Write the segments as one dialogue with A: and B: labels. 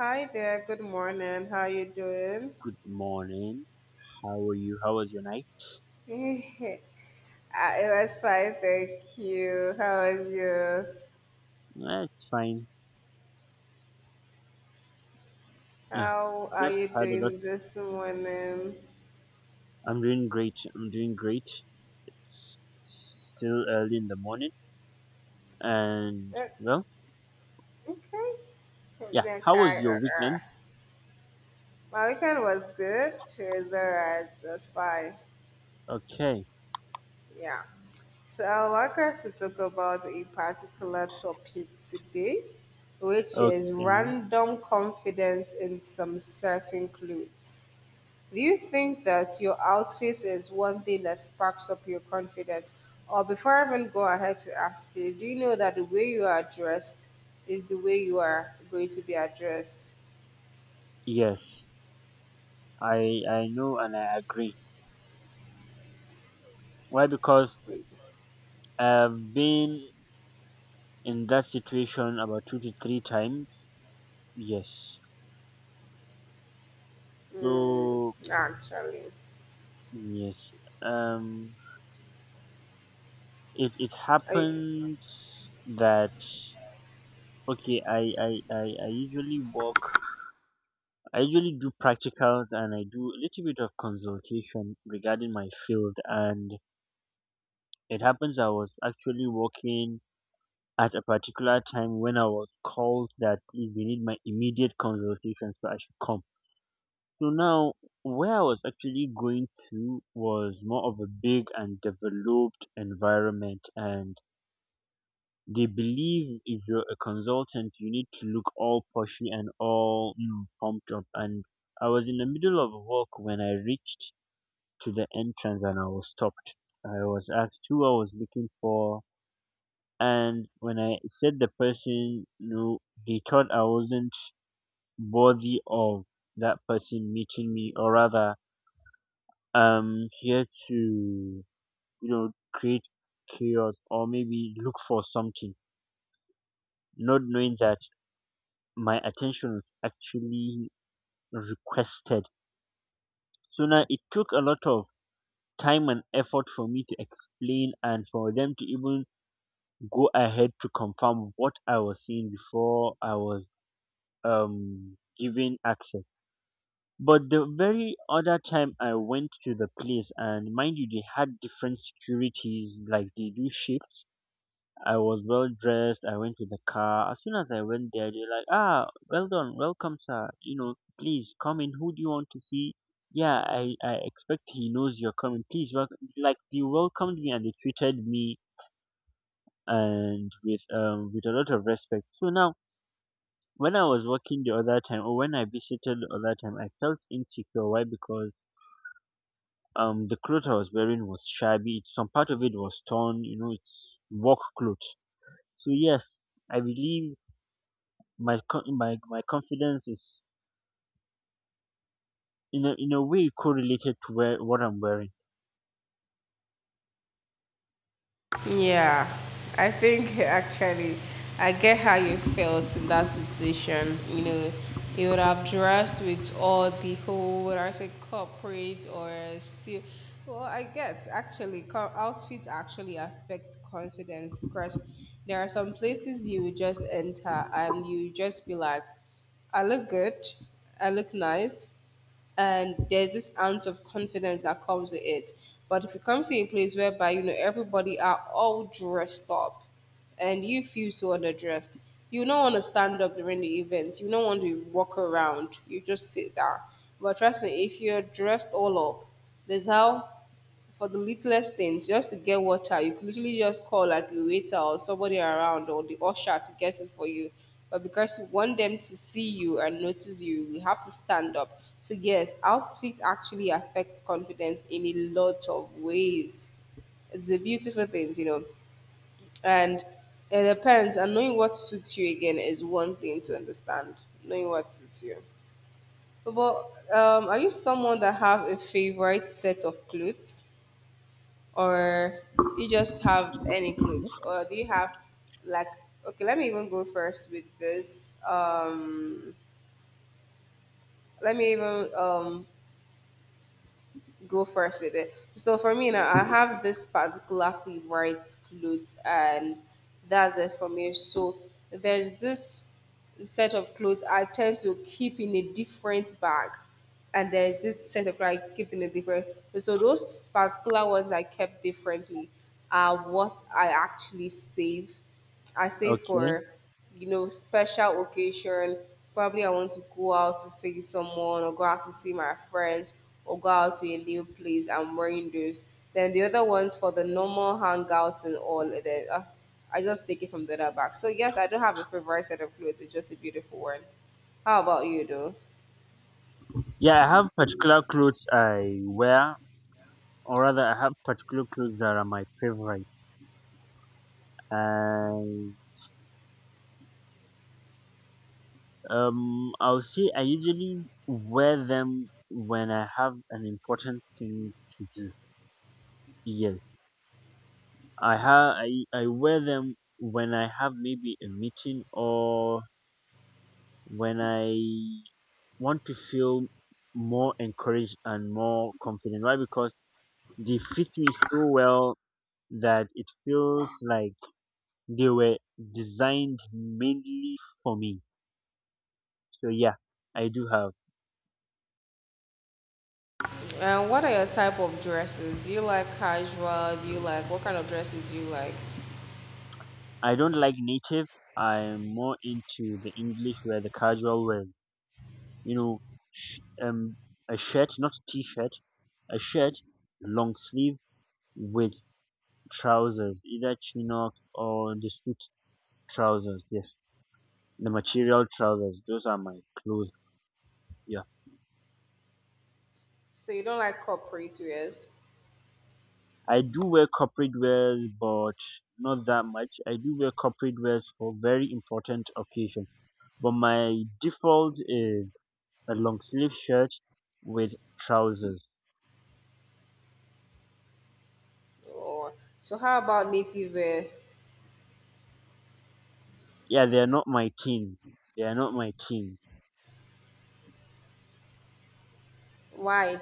A: Hi there, good morning. How you doing?
B: Good morning. How are you? How was your night?
A: Ah, it was fine, thank you. How is yours?
B: Eh, it's fine. Yeah,
A: How are
B: just
A: you
B: had a lot.
A: doing this morning?
B: I'm doing great. I'm doing great. It's still early in the morning. And,
A: Uh,
B: well,
A: Okay.
B: yeah. How was
A: Okay.
B: your weekend?
A: My weekend was good. It was alright. It was fine.
B: Okay.
A: Yeah. So I want us to talk about a particular topic today, which is
B: Okay.
A: random confidence in some certain clothes. Do you think that your outfit is one thing that sparks up your confidence? Or before I even go ahead to ask you, do you know that the way you are dressed is the way you are going to be addressed?
B: Yes, I know and I agree. Why? Because I've been in that situation about two to three times. Yes.
A: Mm.
B: So
A: actually,
B: yes. Um. It
A: I,
B: happens that. Okay, I usually work. I usually do practicals and I do a little bit of consultation regarding my field. And it happens I was actually working at a particular time when I was called that please they need my immediate consultation, so I should come. So now where I was actually going to was more of a big and developed environment. And they believe if you're a consultant, you need to look all pushy and all pumped up. And I was in the middle of work when I reached to the entrance and I was stopped. I was asked who I was looking for. And when I said the person, no, they thought I wasn't worthy of that person meeting me, or rather, here to, create chaos or maybe look for something, not knowing that my attention was actually requested. So now it took a lot of time and effort for me to explain and for them to even go ahead to confirm what I was seeing before I was given access. But the very other time I went to the place, and mind you, they had different securities, like they do shifts. I was well dressed. I went to the car. As soon as I went there, they're like, ah, well done, welcome, sir. You know, please come in. Who do you want to see? Yeah, I expect he knows you're coming. Please welcome. Like, they welcomed me and they treated me and with a lot of respect. So now when I was working the other time or when I visited the other time, I felt insecure. Why? Because the clothes I was wearing was shabby. Some part of it was torn. You know, it's work clothes. So yes, I believe my co- my confidence is in a way correlated to where what I'm wearing.
A: Yeah, I think actually I get how you felt in that situation. You know, you would have dressed with all the whole, what I say, corporate or still. Well, I get actually, outfits actually affect confidence, because there are some places you would just enter and you just be like, I look good, I look nice, and there's this ounce of confidence that comes with it. But if you come to a place whereby you know everybody are all dressed up, and you feel so underdressed, you don't want to stand up during the event. You don't want to walk around. You just sit down. But trust me, if you're dressed all up, there's how for the littlest things, just to get water, you could literally just call like a waiter or somebody around or the usher to get it for you. But because you want them to see you and notice you, you have to stand up. So yes, outfits actually affect confidence in a lot of ways. It's a beautiful thing. And it depends. And knowing what suits you again is one thing to understand. Knowing what suits you. But are you someone that have a favorite set of clothes? Or you just have any clothes, or do you have like, okay, let me even go first with this, let me even, go first with it. So for me now, I have this particular favorite clothes, and that's it for me. So there's this set of clothes I tend to keep in a different bag, and there's this set of clothes I keep in a different. So those particular ones I kept differently are what I actually save I save
B: Okay.
A: for, special occasion. Probably I want to go out to see someone or go out to see my friends or go out to a new place. I'm wearing those. Then the other ones for the normal hangouts and all. And then I just take it from the other back. So yes, I don't have a favorite set of clothes. It's just a beautiful one. How about you, though?
B: Yeah, I have particular clothes I wear, or rather, I have particular clothes that are my favorite, and I'll say I usually wear them when I have an important thing to do. Yes, I have I I wear them when I have maybe a meeting or when I want to feel more encouraged and more confident. Why? Because they fit me so well that it feels like they were designed mainly for me. So yeah, I do have.
A: And what are your type of dresses? Do you like casual? Do you like What kind of dresses do you like?
B: I don't like native. I'm more into the English where the casual wear. You know, sh- um, a shirt, not t-shirt, a shirt, long sleeve with trousers, either chinos or the suit trousers. Yes. The material trousers, those are my clothes. Yeah.
A: So you don't like corporate wears?
B: I do wear corporate wears, but not that much. I do wear corporate wears for very important occasions. But my default is a long sleeve shirt with trousers.
A: Oh, so how about native wear?
B: Yeah, they are not my team. They are not my team.
A: Why?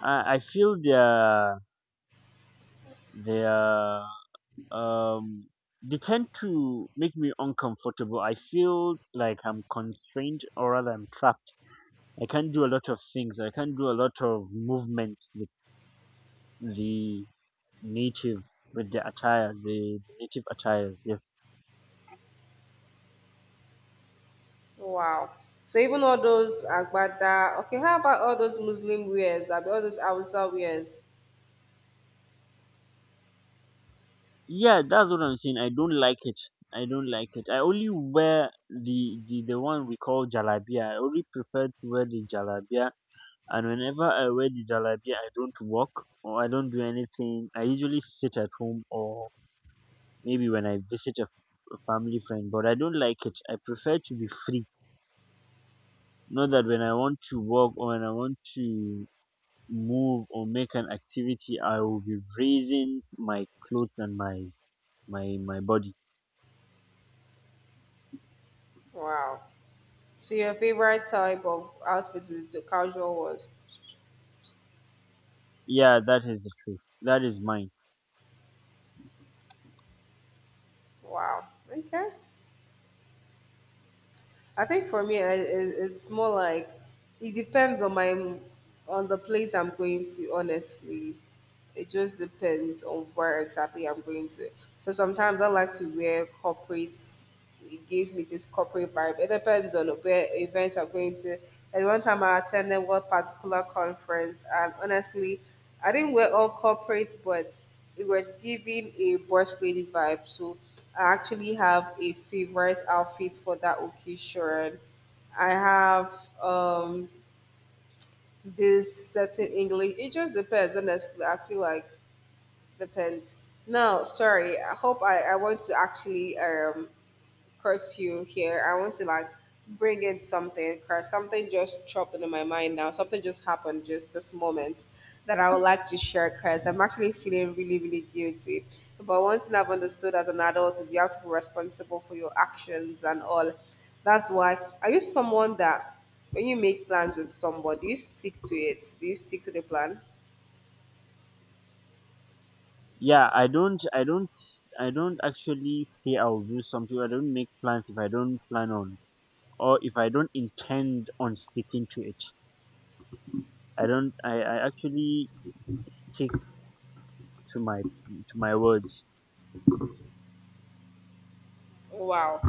B: I feel they are they are um they tend to make me uncomfortable. I feel like I'm constrained, or rather I'm trapped. I can't do a lot of things. I can't do a lot of movements with the native, with the attire, the native attire. Yeah.
A: Wow. So even all those agbada. Okay, how about all those Muslim wears? Abi all those Hausa wears?
B: Yeah, that's what I'm saying. I don't like it. I don't like it. I only wear the one we call jalabia. I only prefer to wear the jalabia. And whenever I wear the jalabia, I don't walk or I don't do anything. I usually sit at home or maybe when I visit a family friend. But I don't like it. I prefer to be free. Not that when I want to work or when I want to move or make an activity, I will be raising my clothes and my my body.
A: Wow. So your favorite type of outfit is the casual ones.
B: Yeah, that is the truth. That is mine.
A: Wow. Okay. I think for me, it's more like it depends on the place I'm going to. Honestly, it just depends on where exactly I'm going to. So sometimes I like to wear corporates. It gives me this corporate vibe. It depends on where event I'm going to. At one time, I attended one particular conference, and honestly, I didn't wear all corporate, but it was giving a boss lady vibe. So I actually have a favorite outfit for that occasion. I have this certain English. It just depends, honestly. I feel like depends. No, sorry. I hope I want to actually curse you here. I want to like bring in something, curse, something just dropped into my mind now. Something just happened just this moment that I would like to share, curse. I'm actually feeling really, really guilty. But one thing I've understood as an adult is you have to be responsible for your actions and all. That's why, are you someone that when you make plans with somebody, do you stick to it? Do you stick to the plan?
B: Yeah, I don't actually say I will do something. I don't make plans if I don't plan on or if I don't intend on sticking to it. I don't. I actually stick to my to my words.
A: Wow.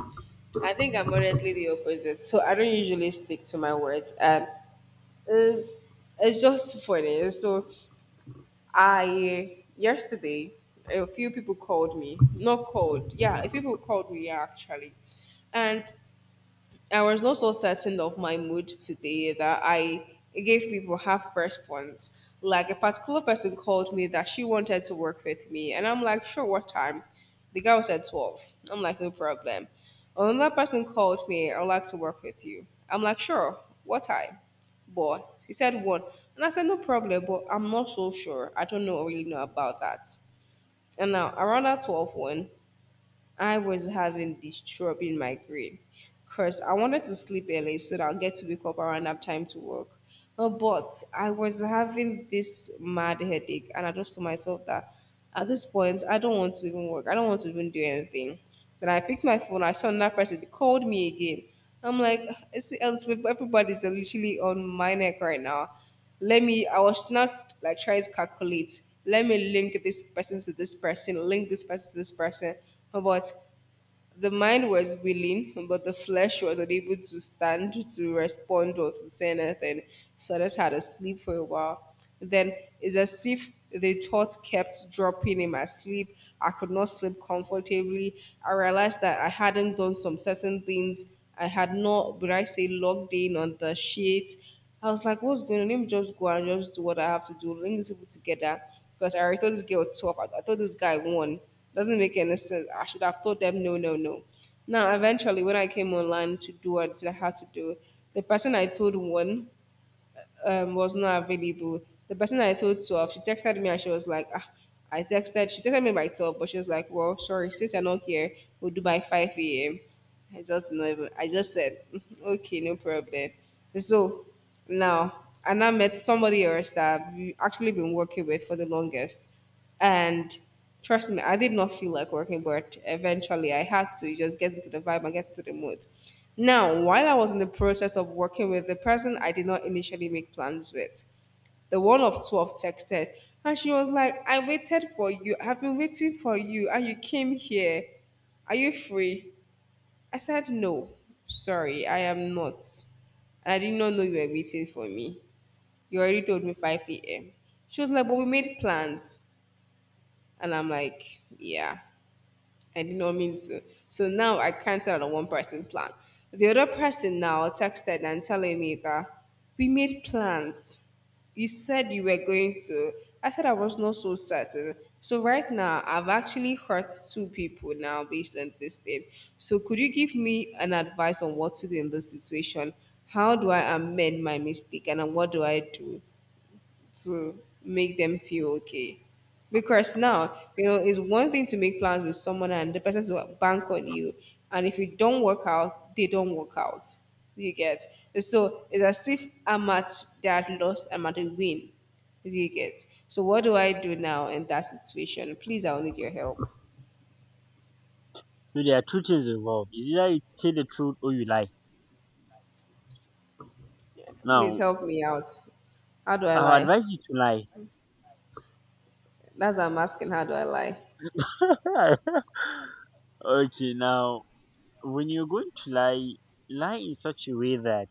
A: I think I'm honestly the opposite. So I don't usually stick to my words, and it's it's just funny. So I yesterday a few people called me. Not called. Yeah, a few people called me, yeah, actually. And I was not so certain of my mood today that I gave people half response. Like a particular person called me that she wanted to work with me, and I'm like, sure, what time? The guy was at 12. I'm like, no problem. Another person called me, I'd like to work with you. I'm like, sure, what time? But he said one. And I said, no problem, but I'm not so sure. I don't know really know about that. And now around that 12, 1. I was having this throbbing migraine because I wanted to sleep early so that I'll get to wake up around that time to work. But I was having this mad headache, and I just told myself that at this point, I don't want to even work. I don't want to even do anything. Then I picked my phone. I saw another person. They called me again. I'm like, everybody's literally on my neck right now. Let me, I was not like trying to calculate, let me link this person to this person, link this person to this person. But the mind was willing, but the flesh was unable to stand, to respond or to say anything. So I just had to sleep for a while. Then it's as if the thought kept dropping in my sleep. I could not sleep comfortably. I realized that I hadn't done some certain things. I had not, would I say, logged in on the sheet. I was like, what's going on? Let me just go and just do what I have to do. Bring these people together. Because I already told this girl 12. I thought this guy won. Doesn't make any sense. I should have told them no, no, no. Now, eventually, when I came online to do what I had to do, the person I told won, was not available. The person I told 12, she texted me and she was like, ah, she texted me by 12, but she was like, well, sorry, since you're not here, we'll do by 5 a.m. I just never, I just said, "Mm, okay, no problem." So now, and I met somebody else that we actually been working with for the longest. And trust me, I did not feel like working, but eventually I had to just get into the vibe and get into the mood. Now, while I was in the process of working with the person I did not initially make plans with, the one of 12 texted and she was like, I waited for you. I've been waiting for you and you came here. Are you free? I said, no, sorry, I am not. And I did not know you were waiting for me. You already told me 5 p.m. She was like, but we made plans. And I'm like, yeah. I did not mean to. So now I cancelled the one person plan. The other person now texted and telling me that we made plans. You said you were going to. I said I was not so certain. So right now I've actually hurt two people now based on this thing. So could you give me an advice on what to do in this situation? How do I amend my mistake, and what do I do to make them feel okay? Because now, it's one thing to make plans with someone and the person to bank on you. And if you don't work out, they don't work out. You get. So it's as if I'm at that loss, I'm at a win. You get. So what do I do now in that situation? Please, I'll need your help.
B: So there are two things involved. It's either you tell the truth or you lie.
A: Please
B: Now,
A: help me out. How do I
B: I'll
A: lie?
B: advise you to
A: That's what I'm asking. How do I lie?
B: lie. Okay, now when you're going to lie, lie in such a way that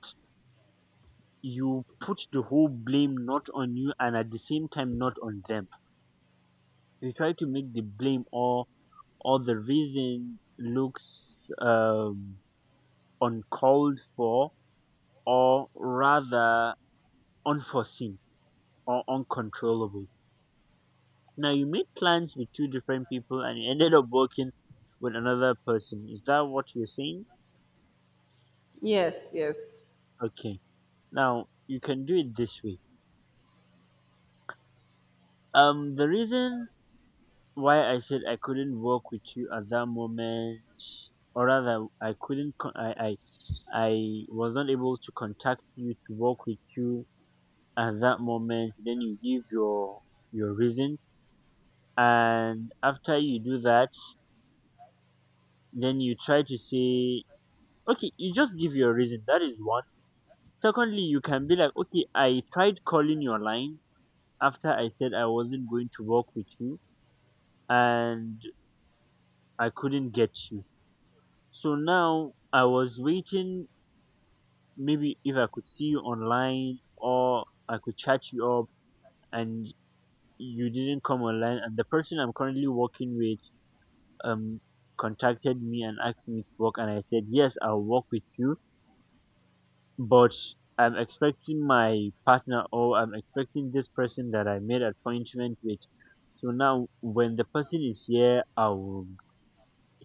B: you put the whole blame not on you and at the same time not on them. You try to make the blame or the reason looks uncalled for, or rather unforeseen or uncontrollable. Now you made plans with two different people and you ended up working with another person. Is that what you're saying?
A: Yes, yes.
B: Okay. Now you can do it this way. The reason why I said I couldn't work with you at that moment, or rather, I couldn't, con- I was not able to contact you to work with you at that moment. Then you give your reason, and after you do that, then you try to say, okay, you just give your reason. That is one. Secondly, you can be like, okay, I tried calling your line after I said I wasn't going to work with you and I couldn't get you. So now I was waiting, maybe if I could see you online or I could chat you up, and you didn't come online. And the person I'm currently working with um contacted me and asked me to work, and I said yes, I'll work with you, but I'm expecting my partner, or I'm expecting this person that I made appointment with. So now when the person is here, I'll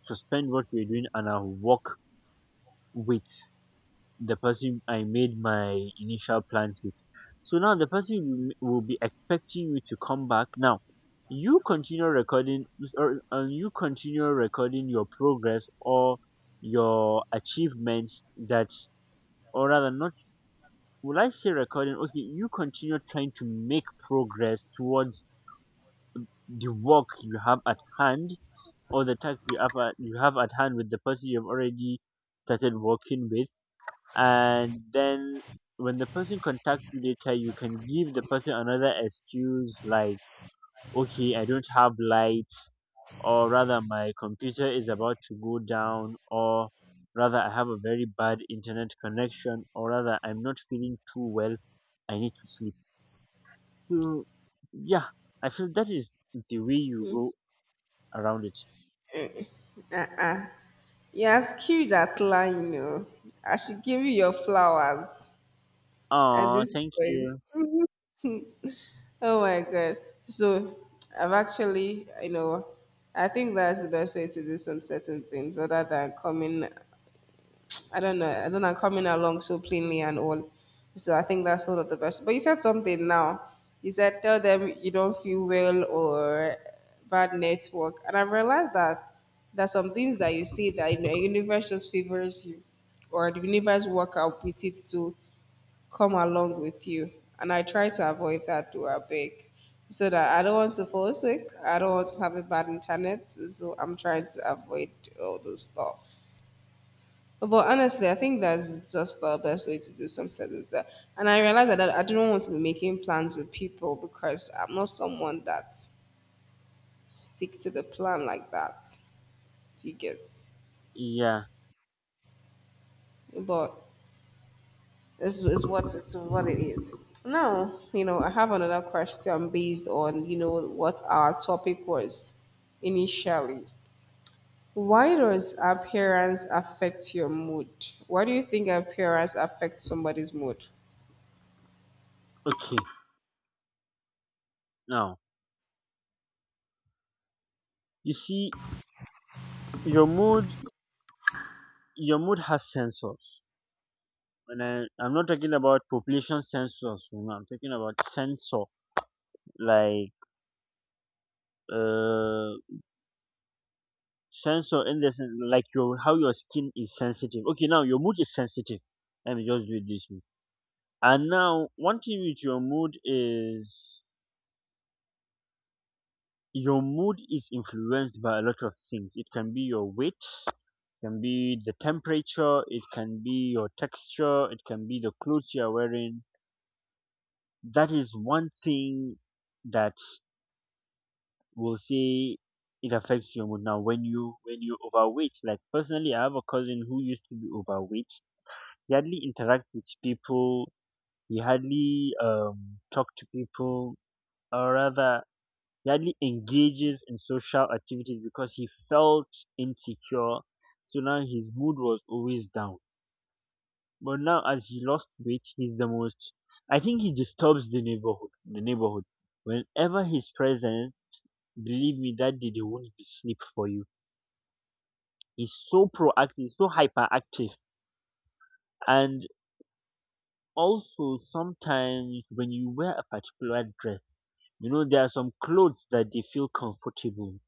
B: suspend what we're doing and I'll work with the person I made my initial plans with. So now the person will be expecting you to come back. Now, you continue recording, or and you continue recording your progress or your achievements that, or rather not, would I say recording, okay, you continue trying to make progress towards the work you have at hand or the task you have at hand with the person you've already started working with. And then when the person contacts you later, you can give the person another excuse, like, okay, I don't have light, or rather my computer is about to go down, or rather I have a very bad internet connection, or rather I'm not feeling too well, I need to sleep. So yeah, I feel that is the way you go around it.
A: Uh You has killed that line. I should give you your flowers at
B: Oh,
A: this
B: thank
A: point.
B: you.
A: Oh my god. So I've actually, I think that's the best way to do some certain things, other than coming, I don't know. I don't know, coming along so plainly and all. So I think that's sort of the best. But you said something now. You said tell them you don't feel well or bad network. And I realized that there's some things that you see, that the universe just favors you or the universe work out with it to come along with you. And I try to avoid that to a big, so that I don't want to fall sick. I don't want to have a bad internet. So I'm trying to avoid all those stuffs. But honestly, I think that's just the best way to do something like that. And I realized that I didn't want to be making plans with people because I'm not someone that stick to the plan like that. Do you get?
B: Yeah.
A: But this is what it is. Now, I have another question based on, you know, what our topic was initially. Why does appearance affect your mood? Why do you think appearance affects somebody's mood?
B: Okay, now you see your mood, your mood has sensors. I'm not talking about population sensors, you know, I'm talking about sensor, like uh, sensor in the, like your how your skin is sensitive. Okay, now your mood is sensitive. Let me just do it this way. And now, one thing with your mood is influenced by a lot of things. It can be your weight, can be the temperature, it can be your texture, it can be the clothes you are wearing. That is one thing that, will say, it affects your mood. Now when you overweight, like personally I have a cousin who used to be overweight. He hardly interact with people. He hardly talk to people, or rather he hardly engages in social activities because he felt insecure. So now his mood was always down. But now as he lost weight, he's the most, I think he disturbs the neighborhood, the neighborhood whenever he's present. Believe me, that day they won't be sleep for you. Is so proactive, so hyperactive. And also sometimes when you wear a particular dress, you know, there are some clothes that they feel comfortable.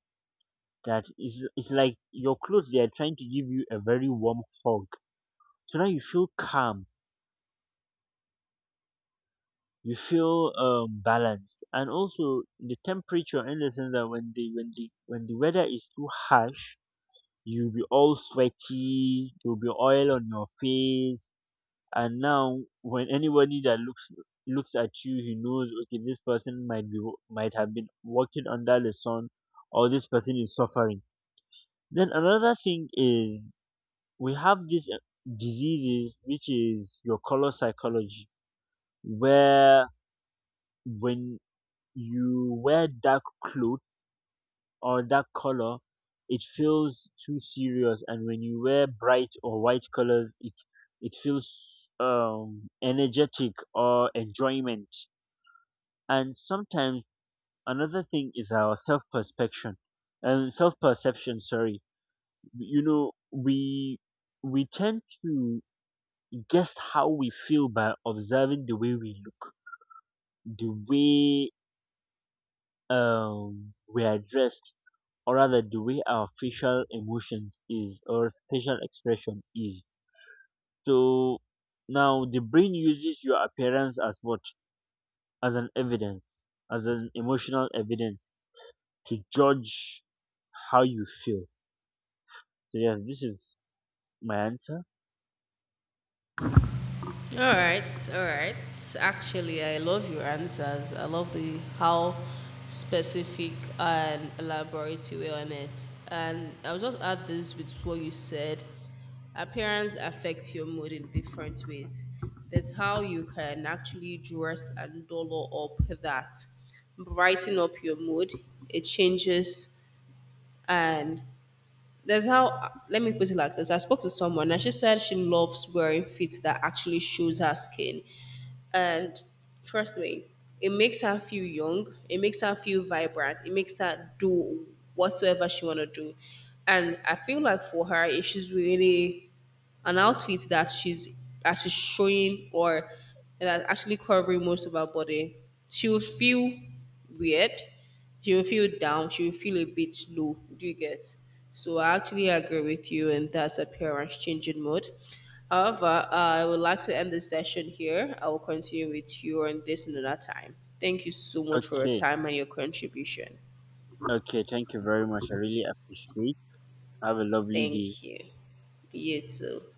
B: That is, it's like your clothes, they are trying to give you a very warm hug. So now you feel calm, you feel balanced. And also the temperature, in the sense that when the weather is too harsh, you'll be all sweaty, you'll be oil on your face, and now when anybody that looks at you, he knows, okay, this person might be might have been working under the sun, or this person is suffering. Then another thing is we have these diseases, which is your color psychology, where when you wear dark clothes or dark color, it feels too serious, and when you wear bright or white colors, it feels energetic or enjoyment. And sometimes another thing is our self perception. And self perception, sorry, you know, we tend to guess how we feel by observing the way we look, the way we are dressed, or rather the way our facial emotions is, or facial expression is. So now the brain uses your appearance as what, as an evidence, as an emotional evidence, to judge how you feel. So yes, this is my answer.
A: All right, all right. Actually, I love your answers. I love the how specific and elaborate you were on it. And I'll just add this with what you said. Appearance affects your mood in different ways. That's how you can actually dress and dollar up that, brighten up your mood. It changes. And there's how, let me put it like this. I spoke to someone and she said she loves wearing fit that actually shows her skin. And trust me, it makes her feel young, it makes her feel vibrant, it makes her do whatsoever she want to do. And I feel like for her, if she's really an outfit that she's showing, or that's actually covering most of her body, she will feel weird. She will feel down. She will feel a bit low. Do you get? So I actually agree with you, and that's appearance changing mode. However, I would like to end the session here. I will continue with you on this another time. Thank you so much for your
B: Okay.
A: time and your contribution.
B: Okay. Thank you very much. I really appreciate. Have a lovely day.
A: Thank you. You too.